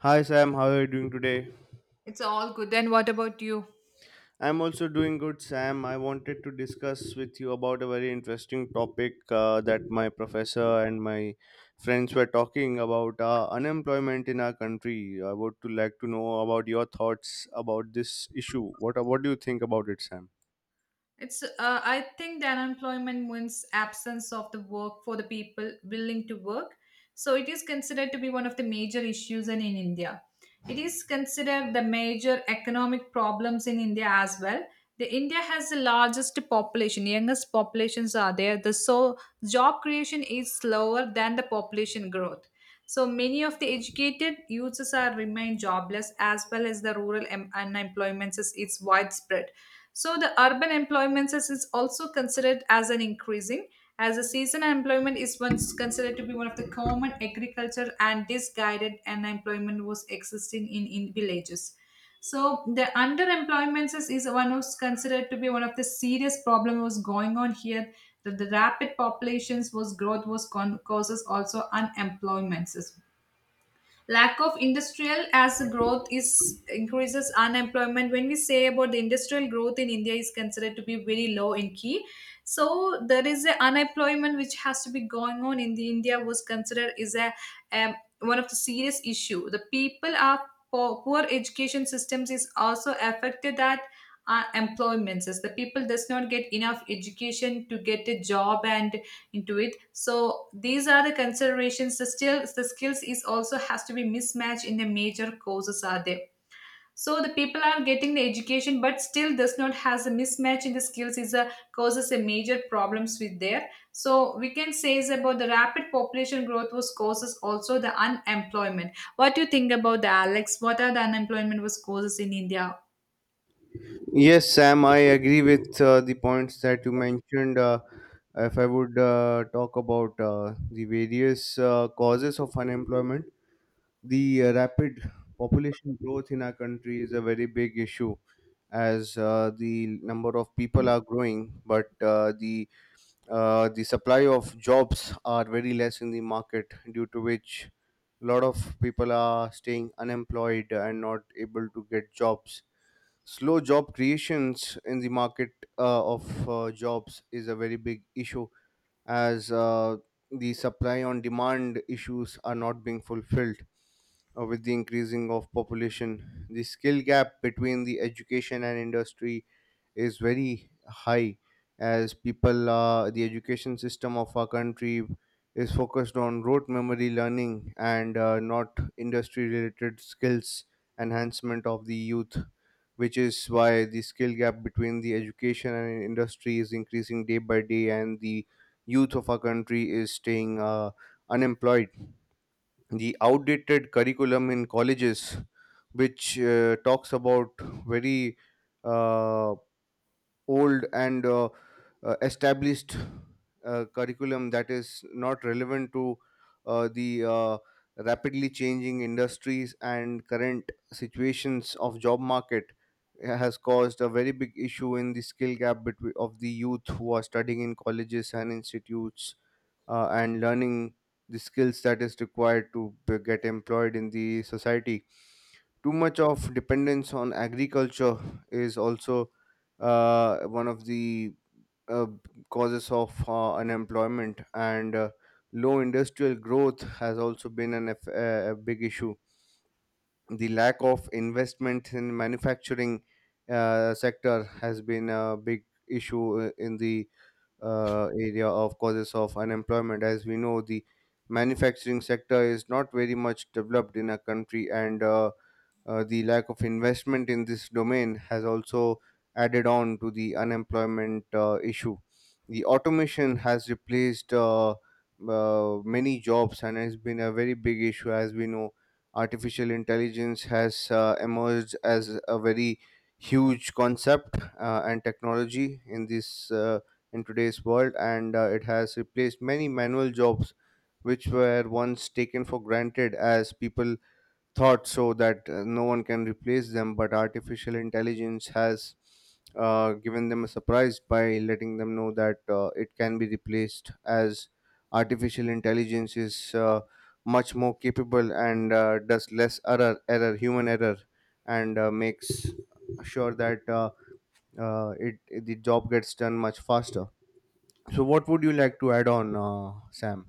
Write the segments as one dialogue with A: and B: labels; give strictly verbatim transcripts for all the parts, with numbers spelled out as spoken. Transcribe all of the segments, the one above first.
A: Hi Sam, how are you doing today?
B: It's all good. Then what about you?
A: I'm also doing good, Sam. I wanted to discuss with you about a very interesting topic uh, that my professor and my friends were talking about, uh, unemployment in our country. I would to like to know about your thoughts about this issue. What what do you think about it, Sam?
B: It's, uh, I think that unemployment means absence of the work for the people willing to work. So it is considered to be one of the major issues and in India. It is considered the major economic problems in India as well. The India has the largest population, youngest populations are there. The so job creation is slower than the population growth. So many of the educated youths are remain jobless as well as the rural em- unemployment is, is widespread, so the urban employment is is also considered as an increasing, as a seasonal employment is once considered to be one of the common agriculture, and disguided unemployment was existing in, in villages. So the underemployment is, is one was considered to be one of the serious problem was going on here. The, the rapid populations was growth was con- causes also unemployments, lack of industrial as growth is increases unemployment. When we say about the industrial growth in india is considered to be very low in key, so there is a unemployment which has to be going on in the india was considered is a um, one of the serious issue the people are poor, poor education systems is also affected that uh, employments is the people does not get enough education to get a job and into it. So these are the considerations, the still the skills is also has to be mismatched in the major courses are there, so the people are getting the education but still does not has a mismatch in the skills is a causes a major problems with there. So we can say is about the rapid population growth was causes also the unemployment. What do you think about the Alex? What are the unemployment was causes in India?
A: Yes, Sam. I agree with uh, the points that you mentioned. Uh, if I would uh, talk about uh, the various uh, causes of unemployment. The uh, rapid population growth in our country is a very big issue, as uh, the number of people are growing, but uh, the uh, the supply of jobs are very less in the market, due to which a lot of people are staying unemployed and not able to get jobs. Slow job creations in the market uh, of uh, jobs is a very big issue, as uh, the supply on demand issues are not being fulfilled uh, with the increasing of population. The skill gap between the education and industry is very high, as people uh, the education system of our country is focused on rote memory learning and uh, not industry related skills enhancement of the youth, which is why the skill gap between the education and industry is increasing day by day, and the youth of our country is staying uh, unemployed. The outdated curriculum in colleges, which uh, talks about very, uh, old and uh, uh, established uh, curriculum that is not relevant to uh, the uh, rapidly changing industries and current situations of job market, uh, has caused a very big issue in the skill gap between of the youth who are studying in colleges and institutes uh, and learning the skills that is required to be- get employed in the society. Too much of dependence on agriculture is also uh, one of the uh, causes of uh, unemployment, and uh, low industrial growth has also been an, eff- a a big issue. The lack of investment in manufacturing uh, sector has been a big issue uh, in the uh, area of causes of unemployment, as we know the manufacturing sector is not very much developed in our country, and uh, uh, the lack of investment in this domain has also added on to the unemployment uh, issue. The automation has replaced uh, uh, many jobs and has been a very big issue. As we know, artificial intelligence has uh, emerged as a very huge concept uh, and technology in this, uh, in today's world, and uh, it has replaced many manual jobs which were once taken for granted, as people thought so that uh, no one can replace them, but artificial intelligence has uh, given them a surprise by letting them know that uh, it can be replaced, as artificial intelligence is uh, much more capable and uh, does less error, error, human error, and uh, makes sure that uh, uh, it the job gets done much faster. So, what would you like to add on, uh, Sam?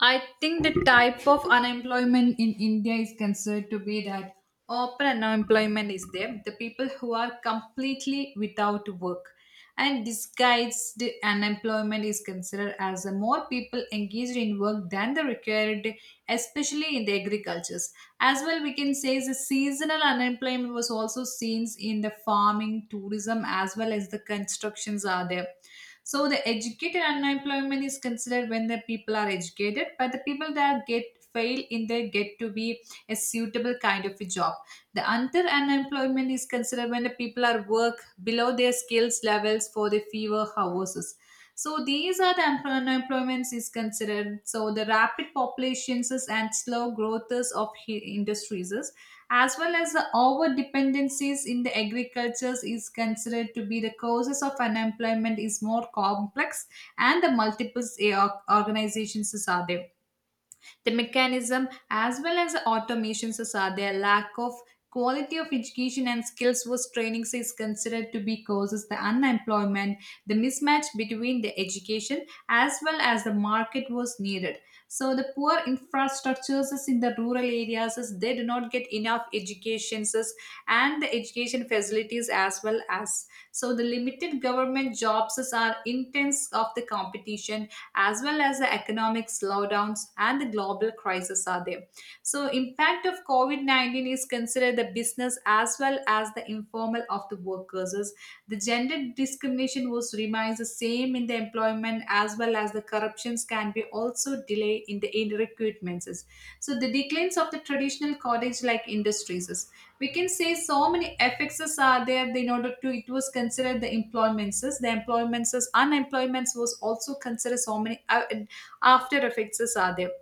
B: I think the type of unemployment in India is considered to be that open unemployment is there, the people who are completely without work. And disguised unemployment is considered as a more people engaged in work than the required, especially in the agricultures. As well, we can say the seasonal unemployment was also seen in the farming, tourism, as well as the constructions are there. So the educated unemployment is considered when the people are educated, but the people that get fail in their get to be a suitable kind of a job. The under unemployment is considered when the people are work below their skills levels for the fewer houses. So these are the unemployments is considered. So the rapid populations and slow growths of he- industries as well as the over dependencies in the agricultures is considered to be the causes of unemployment is more complex, and the multiple eh, or- organizations are there, the mechanism as well as the automations is are there, lack of quality of education and skills was trainings is considered to be causes the unemployment, the mismatch between the education as well as the market was needed. So the poor infrastructures is in the rural areas is they do not get enough educations is and the education facilities as well as, so the limited government jobs is are intense of the competition, as well as the economic slowdowns and the global crisis are there. So impact of COVID nineteen is considered the business as well as the informal of the workers. As, the gender discrimination was remains the same in the employment, as well as the corruptions can be also delay in the in recruitments. As, so the declines of the traditional cottage like industries is- we can say. So many effects is are there in order to it was considered the employments. is- The employments is- unemployments was also considered so many uh, after effects is are there,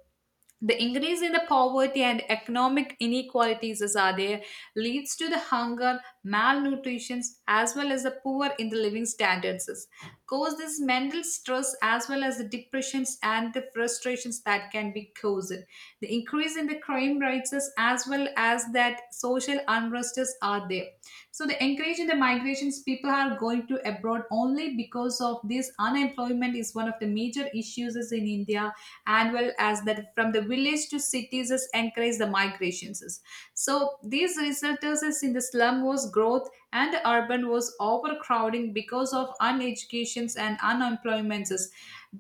B: the increase in the poverty and economic inequalities as are there leads to the hunger malnutrition, as well as the poor in the living standards is, cause this mental stress as well as the depressions and the frustrations that can be caused, the increase in the crime rates is as well as that social unrusts are there. So the increase in the migrations, people are going to abroad only because of this unemployment is one of the major issues is in India, annual as that from the village to cities is encourage the migrations. So these resulters is in the slum was growth and urban was overcrowding because of uneducations and unemployments.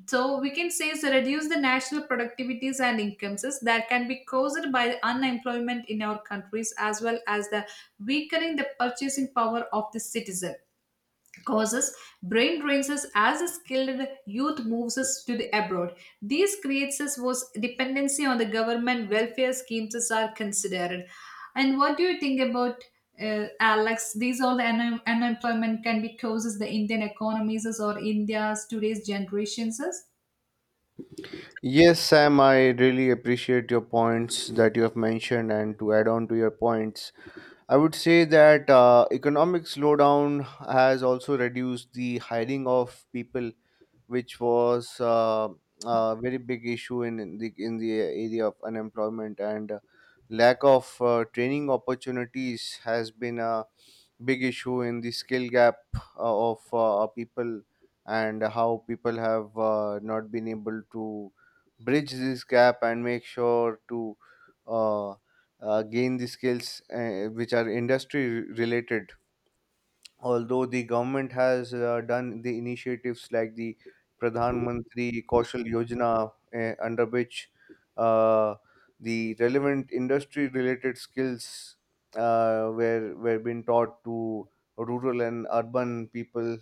B: So we can say is reduce the national productivities and incomes is that can be caused by the unemployment in our countries, as well as the weakening the purchasing power of the citizen, causes brain drains us as a skilled youth moves us to the abroad. These creates us was dependency on the government welfare schemes as are considered. And what do you think about uh, Alex? These all the un- unemployment can be causes the Indian economies as or India's today's generations as?
A: Yes, Sam, I really appreciate your points that you have mentioned. And to add on to your points, I would say that uh, economic slowdown has also reduced the hiring of people, which was uh, a very big issue in, in the in the area of unemployment, and uh, lack of uh, training opportunities has been a big issue in the skill gap uh, of uh, people, and how people have uh, not been able to bridge this gap and make sure to uh, uh, gain the skills uh, which are industry related. Although the government has uh, done the initiatives like the Pradhan Mantri Kaushal Yojana, eh, under which uh, the relevant industry-related skills uh, were were being taught to rural and urban people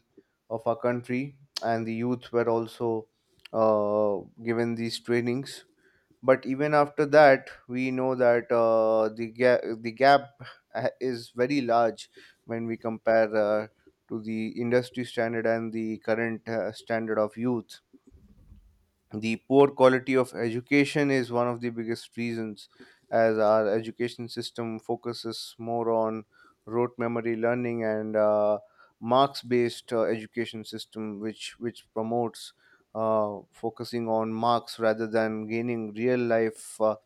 A: of our country, and the youth were also uh, given these trainings. But even after that, we know that uh, the ga- the gap uh, is very large when we compare uh, to the industry standard and the current uh, standard of youth. The poor quality of education is one of the biggest reasons, as our education system focuses more on rote memory learning and uh, marks-based uh, education system, which which promotes uh, focusing on marks rather than gaining real life uh,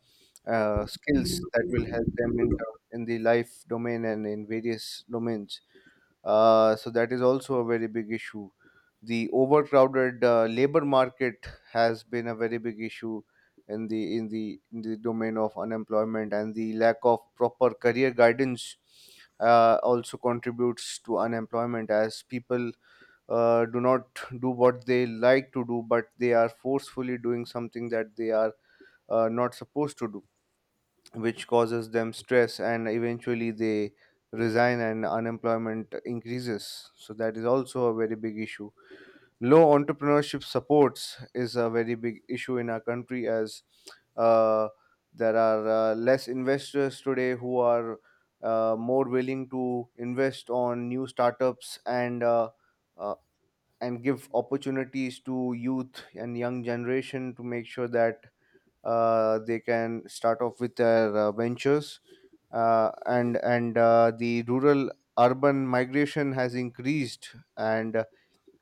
A: uh, skills that will help them in term- in the life domain and in various domains. Uh, so that is also a very big issue. The overcrowded uh, labor market has been a very big issue in the in the in the domain of unemployment, and the lack of proper career guidance uh, also contributes to unemployment, as people uh, do not do what they like to do, but they are forcefully doing something that they are uh, not supposed to do, which causes them stress, and eventually they resign and unemployment increases. So that is also a very big issue. Low entrepreneurship supports is a very big issue in our country, as uh, there are uh, less investors today who are uh, more willing to invest on new startups, and uh, uh, and give opportunities to youth and young generation to make sure that uh, they can start off with their uh, ventures, uh, and and uh, the rural urban migration has increased, and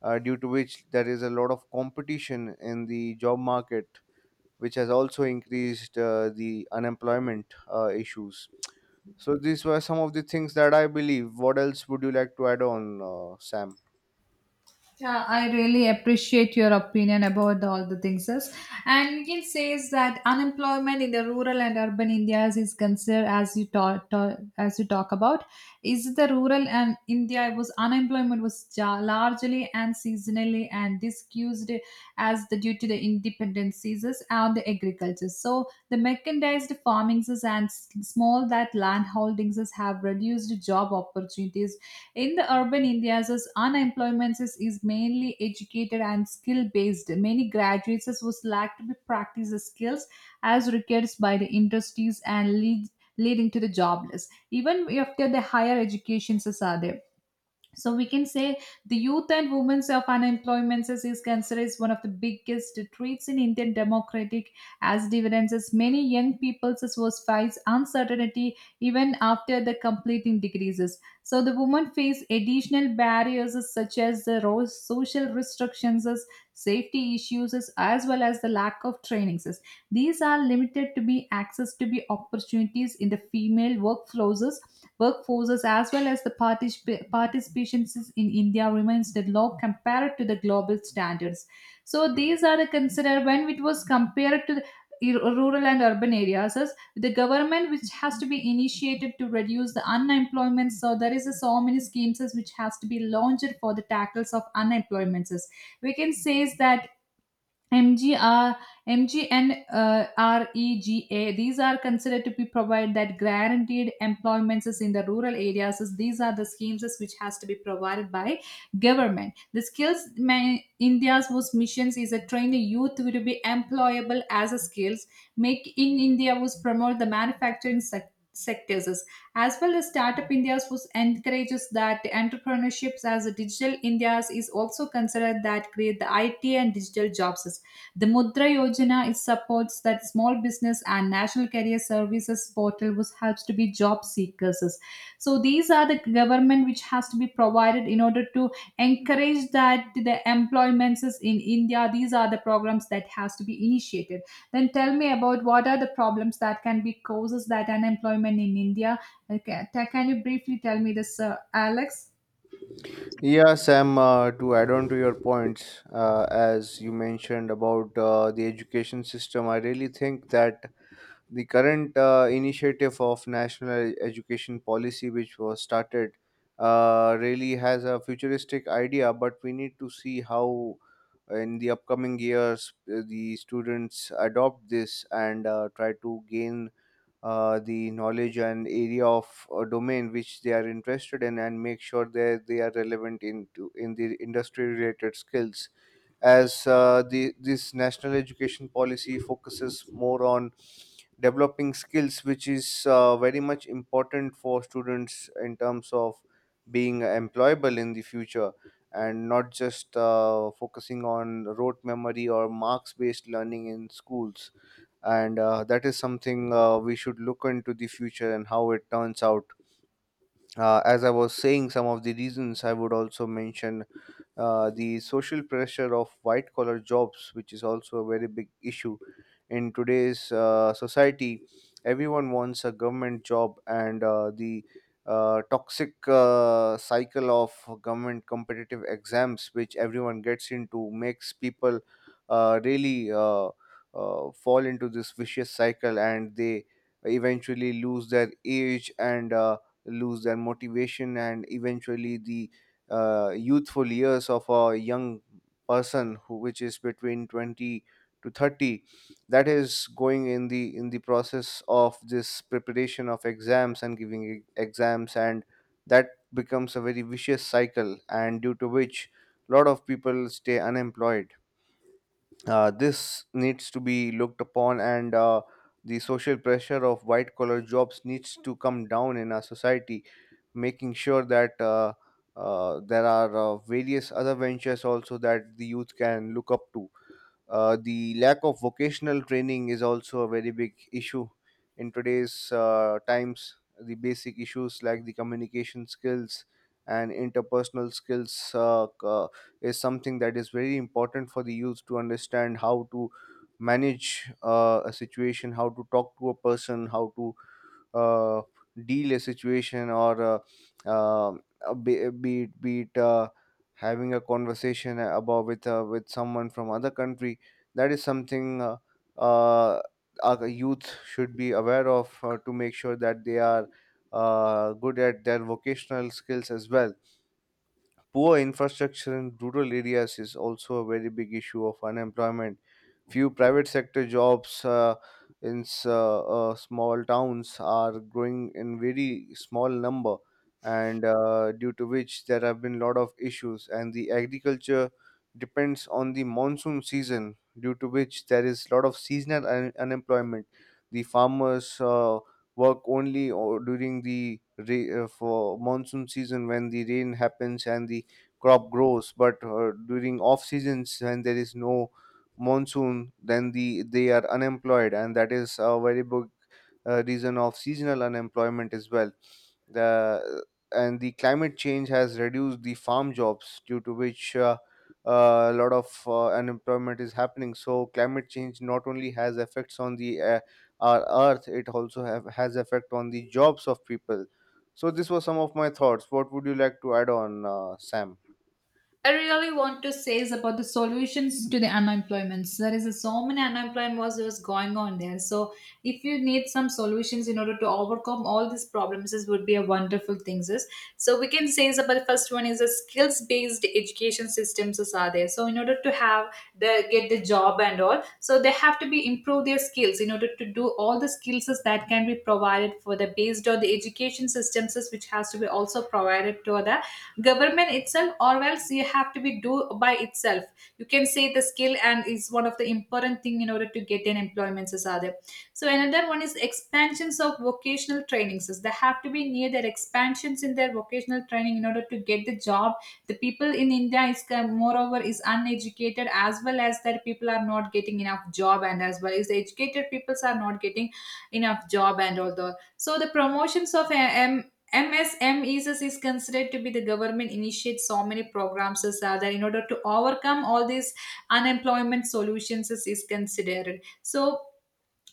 A: uh, due to which there is a lot of competition in the job market, which has also increased uh, the unemployment uh, issues. So these were some of the things that I believe. What else would you like to add on, uh, Sam?
B: Yeah, I really appreciate your opinion about all the things. Yes. And we can say is that unemployment in the rural and urban Indias is considered as you talk, talk as you talk about is the rural and India was unemployment was ja- largely and seasonally and discussed as the due to the independent seasons and the agriculture. So the mechanized farmings and s- small that land holdings have reduced job opportunities in the urban Indias, as unemployment is, is mainly educated and skill based. Many graduates as was lack to be practice the skills as required by the industries and lead, leading to the jobless. Even after the higher educations as are there, so we can say the youth and women's of unemployment is, is considered as one of the biggest threats in Indian democratic as dividends, as many young people as was face uncertainty even after the completing degrees. So the women face additional barriers as such as the ro- social restrictions, as safety issues, as as well as the lack of trainings as. These are limited to be access to be opportunities in the female workflows workforces as well as the particip- participations in India remains the low compared to the global standards. So these are the considered when it was compared to the ir- rural and urban areas is the government which has to be initiated to reduce the unemployment. So there is a, so many schemes is which has to be launched for the tackles of unemployment is. We can say is that MGR, MGNREGA, these are considered to be provide that guaranteed employments is in the rural areas is. These are the schemes is which has to be provided by government. The skills ma- India's was missions is a train youth will be employable as a skills. Make in India was promote the manufacturing sector. Sectors is, as well as Startup India's was encourages that entrepreneurships, as a digital India's is also considered that create the I T and digital jobs is. The Mudra Yojana is supports that small business and National Career Services portal which helps to be job seekers. So these are the government which has to be provided in order to encourage that the employments is in India. These are the programs that has to be initiated. Then tell me about what are the problems that can be causes that unemployment in India. Okay, ta- can you briefly tell me this, uh, Alex?
A: Yeah, Sam, uh, to add on to your points, uh, as you mentioned about uh, the education system, I really think that the current uh, initiative of national education policy, which was started, uh, really has a futuristic idea, but we need to see how in the upcoming years uh, the students adopt this and uh, try to gain uh, the knowledge and area of a domain which they are interested in, and make sure that they are relevant into in the industry related skills, as uh, the this national education policy focuses more on developing skills, which is uh, very much important for students in terms of being employable in the future, and not just uh, focusing on rote memory or marks based learning in schools. And uh, that is something uh, we should look into the future and how it turns out. Uh, as I was saying, some of the reasons I would also mention, uh, the social pressure of white collar jobs, which is also a very big issue in today's uh, society. Everyone wants a government job, and uh, the uh, toxic uh, cycle of government competitive exams, which everyone gets into, makes people uh, really uh, uh, fall into this vicious cycle, and they eventually lose their age and uh, lose their motivation, and eventually the uh, youthful years of a young person who which is between twenty to thirty, that is going in the in the process of this preparation of exams and giving e- exams, and that becomes a very vicious cycle, and due to which a lot of people stay unemployed. Uh, this needs to be looked upon, and uh, the social pressure of white collar jobs needs to come down in our society, making sure that uh, uh, there are uh, various other ventures also that the youth can look up to. Uh, the lack of vocational training is also a very big issue in today's uh, times. The basic issues like the communication skills and interpersonal skills uh, c- uh, is something that is very important for the youth to understand, how to manage uh, a situation, how to talk to a person, how to uh, deal a situation, or uh, uh, uh, be, be it be it uh, having a conversation about with uh, with someone from other country. That is something uh, uh, our youth should be aware of, uh, to make sure that they are uh, good at their vocational skills as well. Poor infrastructure in rural areas is also a very big issue of unemployment. Few private sector jobs uh, in s- uh, uh, small towns are growing in very small number, and uh, due to which there have been lot of issues. And the agriculture depends on the monsoon season, due to which there is lot of seasonal un- unemployment. The farmers uh, work only or during the ra- uh, for monsoon season when the rain happens and the crop grows, but uh, during off seasons when there is no monsoon, then the they are unemployed, and that is a very big uh, reason of seasonal unemployment as well. The and the climate change has reduced the farm jobs, due to which uh, uh, a lot of uh, unemployment is happening. So climate change not only has effects on the uh, our earth, it also have, has effect on the jobs of people. So this was some of my thoughts. What would you like to add on, uh, Sam?
B: I really want to say is about the solutions to the unemployments. There is a, so many unemployment was, was going on there. So if you need some solutions in order to overcome all these problems, this would be a wonderful thing is. So we can say is about, the first one is a skills based education systems is are there. So in order to have the get the job and all, so they have to be improve their skills in order to do all the skills is that can be provided for the based on the education systems is which has to be also provided to the government itself or else you have to be do by itself. You can say the skill and is one of the important thing in order to get an employment as other. So another one is expansions of vocational trainings. So they have to be near their expansions in their vocational training in order to get the job. The people in India is uh, moreover is uneducated as well as their people are not getting enough job and as well as the educated peoples are not getting enough job and all. The so the promotions of uh, em- M S M E s is considered to be the government initiates so many programs as uh, that in order to overcome all these unemployment solutions is, is considered. So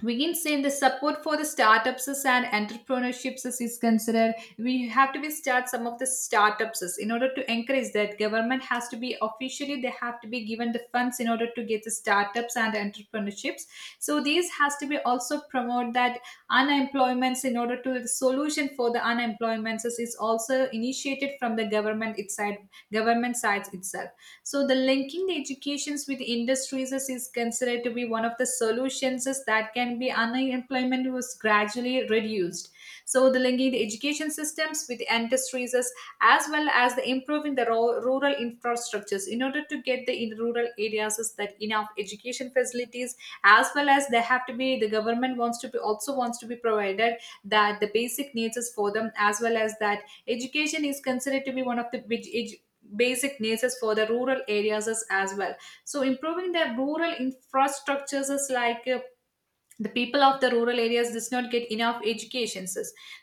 B: we can say the support for the startups and entrepreneurships is considered. We have to be start some of the startups in order to encourage that government has to be officially they have to be given the funds in order to get the startups and entrepreneurships. So these has to be also promote that unemployments in order to the solution for the unemployments is also initiated from the government itself, government sides itself. So the linking the educations with industries is, is considered to be one of the solutions is that can be unemployment was gradually reduced. So the linking the education systems with industries is, as well as the improving the ro- rural infrastructures in order to get the in rural areas is that enough education facilities, as well as they have to be the government wants to be also wants to be provided that the basic needs is for them, as well as that education is considered to be one of the big basic needs for the rural areas is as well. So improving the rural infrastructures is like uh, the people of the rural areas does not get enough educations.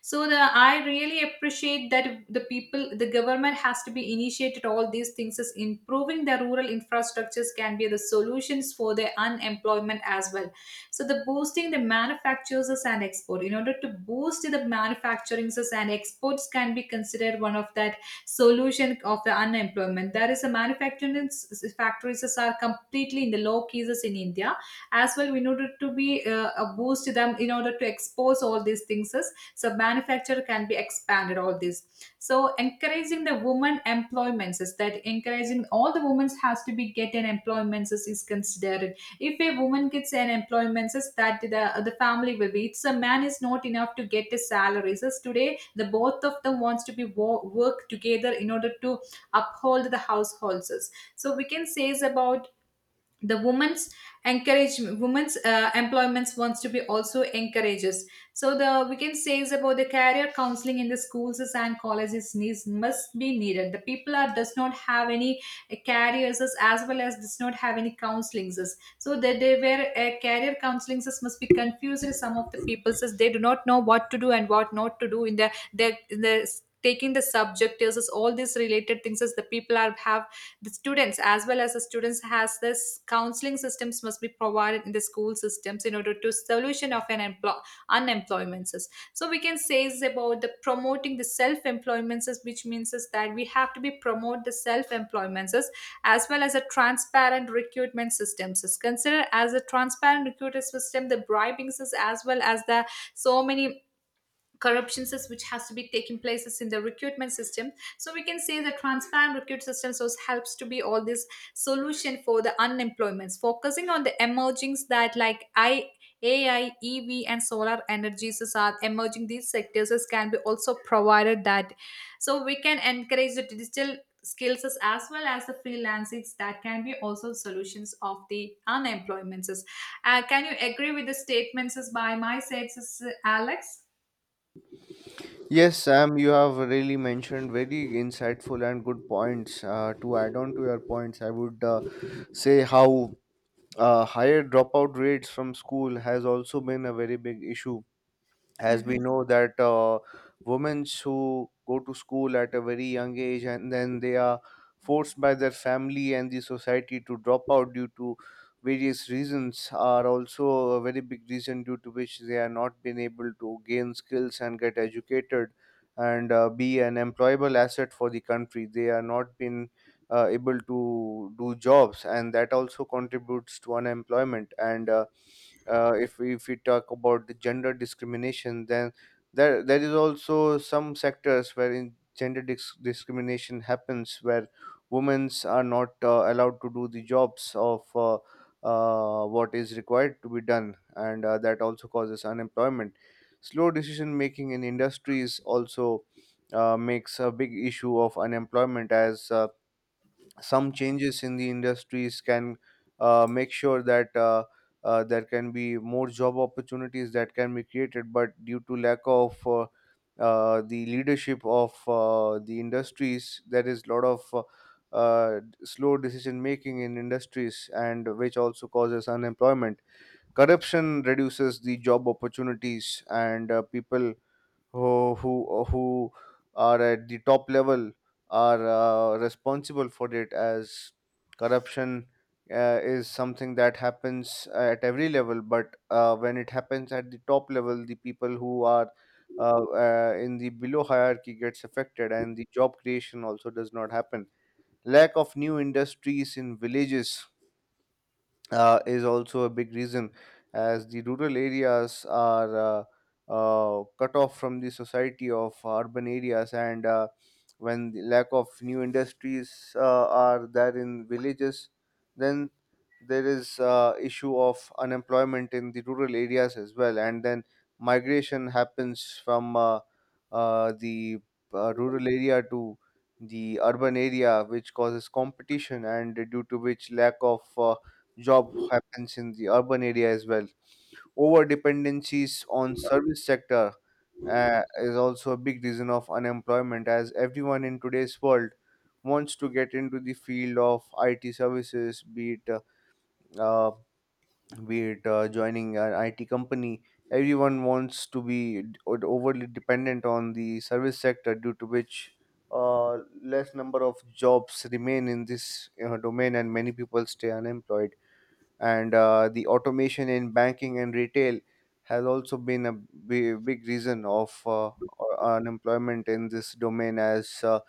B: So the I really appreciate that the people the government has to be initiated all these things is improving the rural infrastructures can be the solutions for the unemployment as well. So the boosting the manufacturers and export in order to boost the manufacturing and exports can be considered one of that solution of the unemployment, that is the manufacturing s- s- factories are completely in the low cases in India, as well in order to be uh, uh, boost them in order to expose all these things as- so manufacture can be expanded all this. So encouraging the women employments is that encouraging all the women has to be get an employments is, is considered. If a woman gets an employments is that the the family will be it's a man is not enough to get a salary, so today the both of them wants to be wo- work together in order to uphold the households. So we can say is about the women's, encourage women's uh, employments wants to be also encourages. So the we can say is about the career counseling in the schools and colleges needs must be needed, the people are does not have any uh, careers, as well as does not have any counselings, so that they were uh, career counselings must be confused. Some of the people says they do not know what to do and what not to do in the the, in the taking the subject is all these related things as the people are have the students, as well as the students has this counseling systems must be provided in the school systems in order to solution of an empl- unemployments. So we can say is about the promoting the self-employments, which means is that we have to be promote the self-employments, as well as a transparent recruitment systems is considered. As a transparent recruiter system, the bribings is as well as the so many corruptions is which has to be taking places in the recruitment system. So we can say the transparent recruit system so helps to be all this solution for the unemployments, focusing on the emergings that like I A I, E V and solar energies is are emerging. These sectors is can be also provided that. So we can encourage the digital skills as as well as the freelancings that can be also solutions of the unemployments. Uh, can you agree with the statements as by my sides, Alex?
A: Yes, Sam, you have really mentioned very insightful and good points. Uh, to add on to your points, I would uh, say how uh, higher dropout rates from school has also been a very big issue. As we
B: Mhm.
A: know that uh, women who go to school at a very young age and then they are forced by their family and the society to drop out due to various reasons are also a very big reason due to which they are not been able to gain skills and get educated and uh, be an employable asset for the country. They are not been uh, able to do jobs, and that also contributes to unemployment. And uh, uh, if we, if we talk about the gender discrimination, then there there is also some sectors wherein gender dis- discrimination happens where women are not uh, allowed to do the jobs of uh, uh, what is required to be done, and uh, that also causes unemployment. Slow decision making in industries also uh, makes a big issue of unemployment, as uh, some changes in the industries can uh, make sure that uh, uh, there can be more job opportunities that can be created, but due to lack of uh, uh, the leadership of uh, the industries, there is a lot of uh, uh, slow decision making in industries, and which also causes unemployment. Corruption reduces the job opportunities, and uh, people who who uh, who are at the top level are uh, responsible for it, as corruption uh, is something that happens uh, at every level. But uh, when it happens at the top level, the people who are uh, uh, in the below hierarchy gets affected, and the job creation also does not happen. Lack of new industries in villages uh, is also a big reason, as the rural areas are uh, uh, cut off from the society of urban areas. And uh, when the lack of new industries uh, are there in villages, then there is uh, issue of unemployment in the rural areas as well. And then migration happens from uh, uh, the uh, rural area to the urban area, which causes competition, and due to which lack of uh, job happens in the urban area as well. Over dependencies on service sector uh, is also a big reason of unemployment, as everyone in today's world wants to get into the field of I T services, be it uh, uh, be it uh, joining an I T company. Everyone wants to be d- overly dependent on the service sector, due to which uh, less number of jobs remain in this uh, domain, and many people stay unemployed. And uh, the automation in banking and retail has also been a b- big reason of uh, unemployment in this domain, as uh,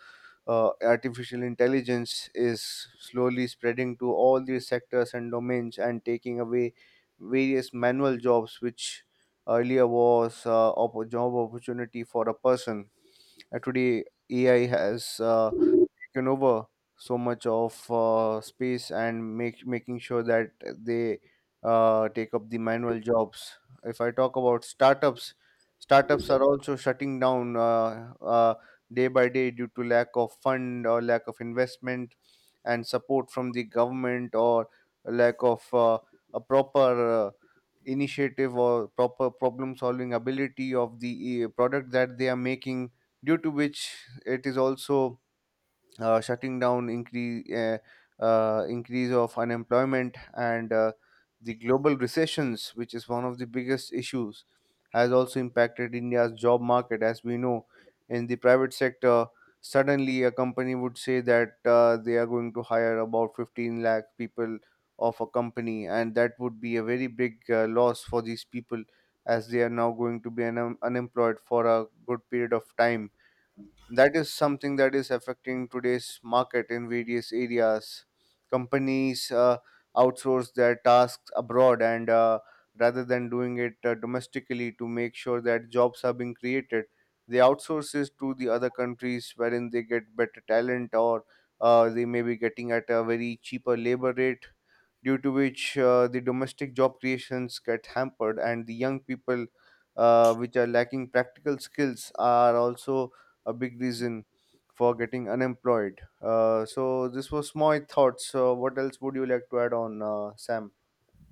A: uh, artificial intelligence is slowly spreading to all these sectors and domains and taking away various manual jobs, which earlier was uh, a job opportunity for a person. Uh, today, A I has uh, taken over so much of uh, space and make making sure that they uh, take up the manual jobs. If I talk about startups, startups are also shutting down uh, uh, day by day due to lack of fund or lack of investment and support from the government, or lack of uh, a proper uh, initiative, or proper problem solving ability of the uh, product that they are making, due to which it is also uh, shutting down. Increase uh, uh, increase of unemployment. And uh, the global recessions, which is one of the biggest issues, has also impacted india's job market. As we know, in the private sector, suddenly a company would say that uh, they are going to hire about fifteen lakh people of a company, and that would be a very big uh, loss for these people, as they are now going to be un- unemployed for a good period of time. That is something that is affecting today's market in various areas. Companies uh, outsource their tasks abroad, and uh, rather than doing it uh, domestically to make sure that jobs are being created, they outsource it to the other countries wherein they get better talent, or uh, they may be getting at a very cheaper labor rate, due to which uh, the domestic job creations get hampered. And the young people uh, which are lacking practical skills are also a big reason for getting unemployed. Uh, so this was my thoughts. So what else would you like to add on, uh, Sam?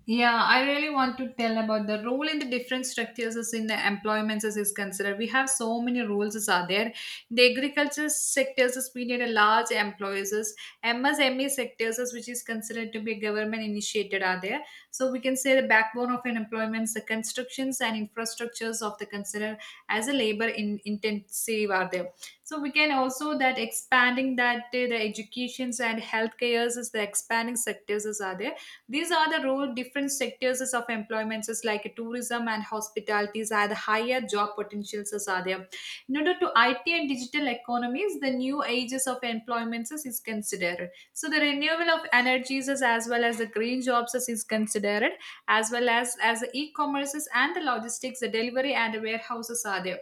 B: Yeah, I really want to tell about the role in the different structures as in the employments as is considered. We have so many roles as are there. The agriculture sectors as we need a large employers as M S M E sectors as which is considered to be government initiated are there. So we can say the backbone of an employment, the constructions and infrastructures of the consider as a labor in, intensive are there. So we can also that expanding that uh, the educations and healthcares is the expanding sectors as are there. These are the role different sectors of employments is like tourism and hospitalities are the higher job potentials as are there. In order to I T and digital economies, the new ages of employments is is considered. So the renewable of energies is as well as the green jobs is is considered, as well as as the e-commerces and the logistics, the delivery and the warehouses are there.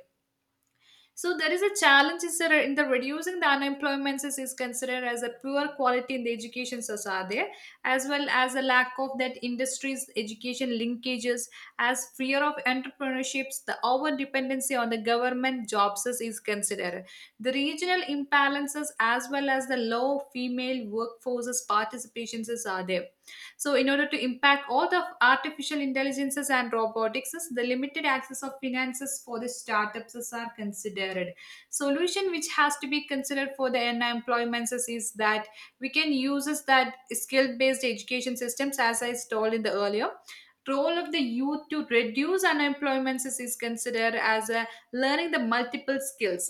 B: So there is a challenge is there in the reducing the unemployment is, is considered as a poor quality in the education society, as well as a lack of that industries education linkages as fear of entrepreneurships, the over dependency on the government jobs is is considered, the regional imbalances as well as the low female workforces participations is are there. So, in order to impact all the artificial intelligences and robotics, the limited access of finances for the startups is- are considered. Solution which has to be considered for the unemployment is is that we can use is that skill-based education systems, as I told in the earlier. Role of the youth to reduce unemployment is is considered as a learning the multiple skills,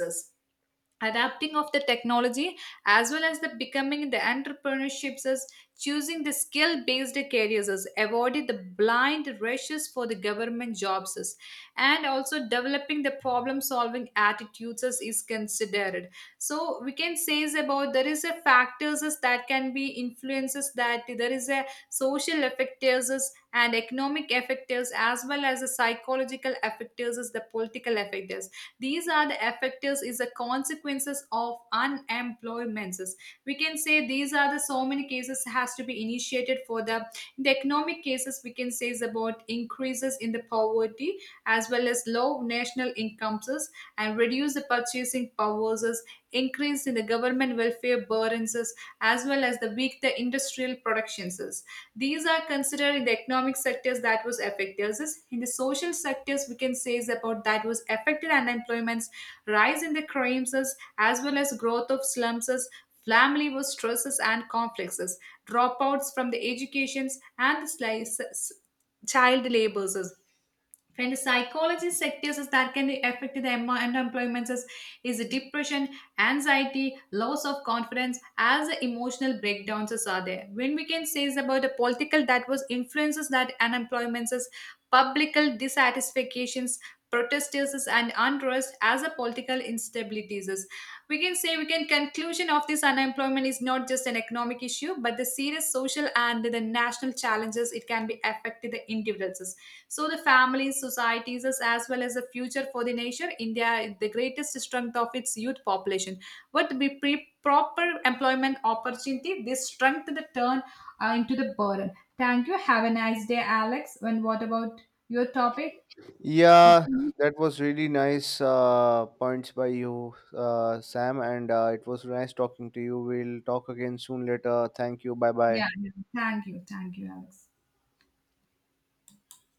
B: adapting of the technology, as well as the becoming the entrepreneurships as choosing the skill based careers as avoiding the blind rushes for the government jobs as, and also developing the problem solving attitudes as is considered. So we can say is about there is a factors as that can be influences that there is a social effectors as and economic effectors as well as the psychological effectors as the political effectors. These are the effectors is the consequences of unemployments. We can say these are the so many cases has to be initiated for the in the economic cases we can say is about increases in the poverty, as well as low national incomes and reduce the purchasing powers, increase in the government welfare burdens, as well as the weak the industrial productions. These are considered in the economic sectors that was affected. this- In the social sectors, we can say is about that was affected unemployments, rise in the crimes as well as growth of slums, family was stresses and conflicts, dropouts from the educations and the slices, child labors, and the psychology sectors is that can affect the em- unemployment is, is depression, anxiety, loss of confidence, as the emotional breakdowns is are there. When we can say is about the political that was influences that unemployment is publical dissatisfactions, protesters and unrest as a political instabilities is. We can say we can conclusion of this unemployment is not just an economic issue, but the serious social and the national challenges it can be affected the individuals, so the families, societies, as as well as the future for the nation. India is the greatest strength of its youth population. But with pre- proper employment opportunity, this strength the turn uh, into the burden. Thank you. Have a nice day, Alex. And what about your topic?
A: Yeah,
B: Okay.
A: that was really nice uh, points by you, uh, Sam, and uh, it was nice talking to you. We'll talk again soon later. Thank you. Bye
B: Yeah,
A: bye
B: yeah. Thank you. Thank you, Alex.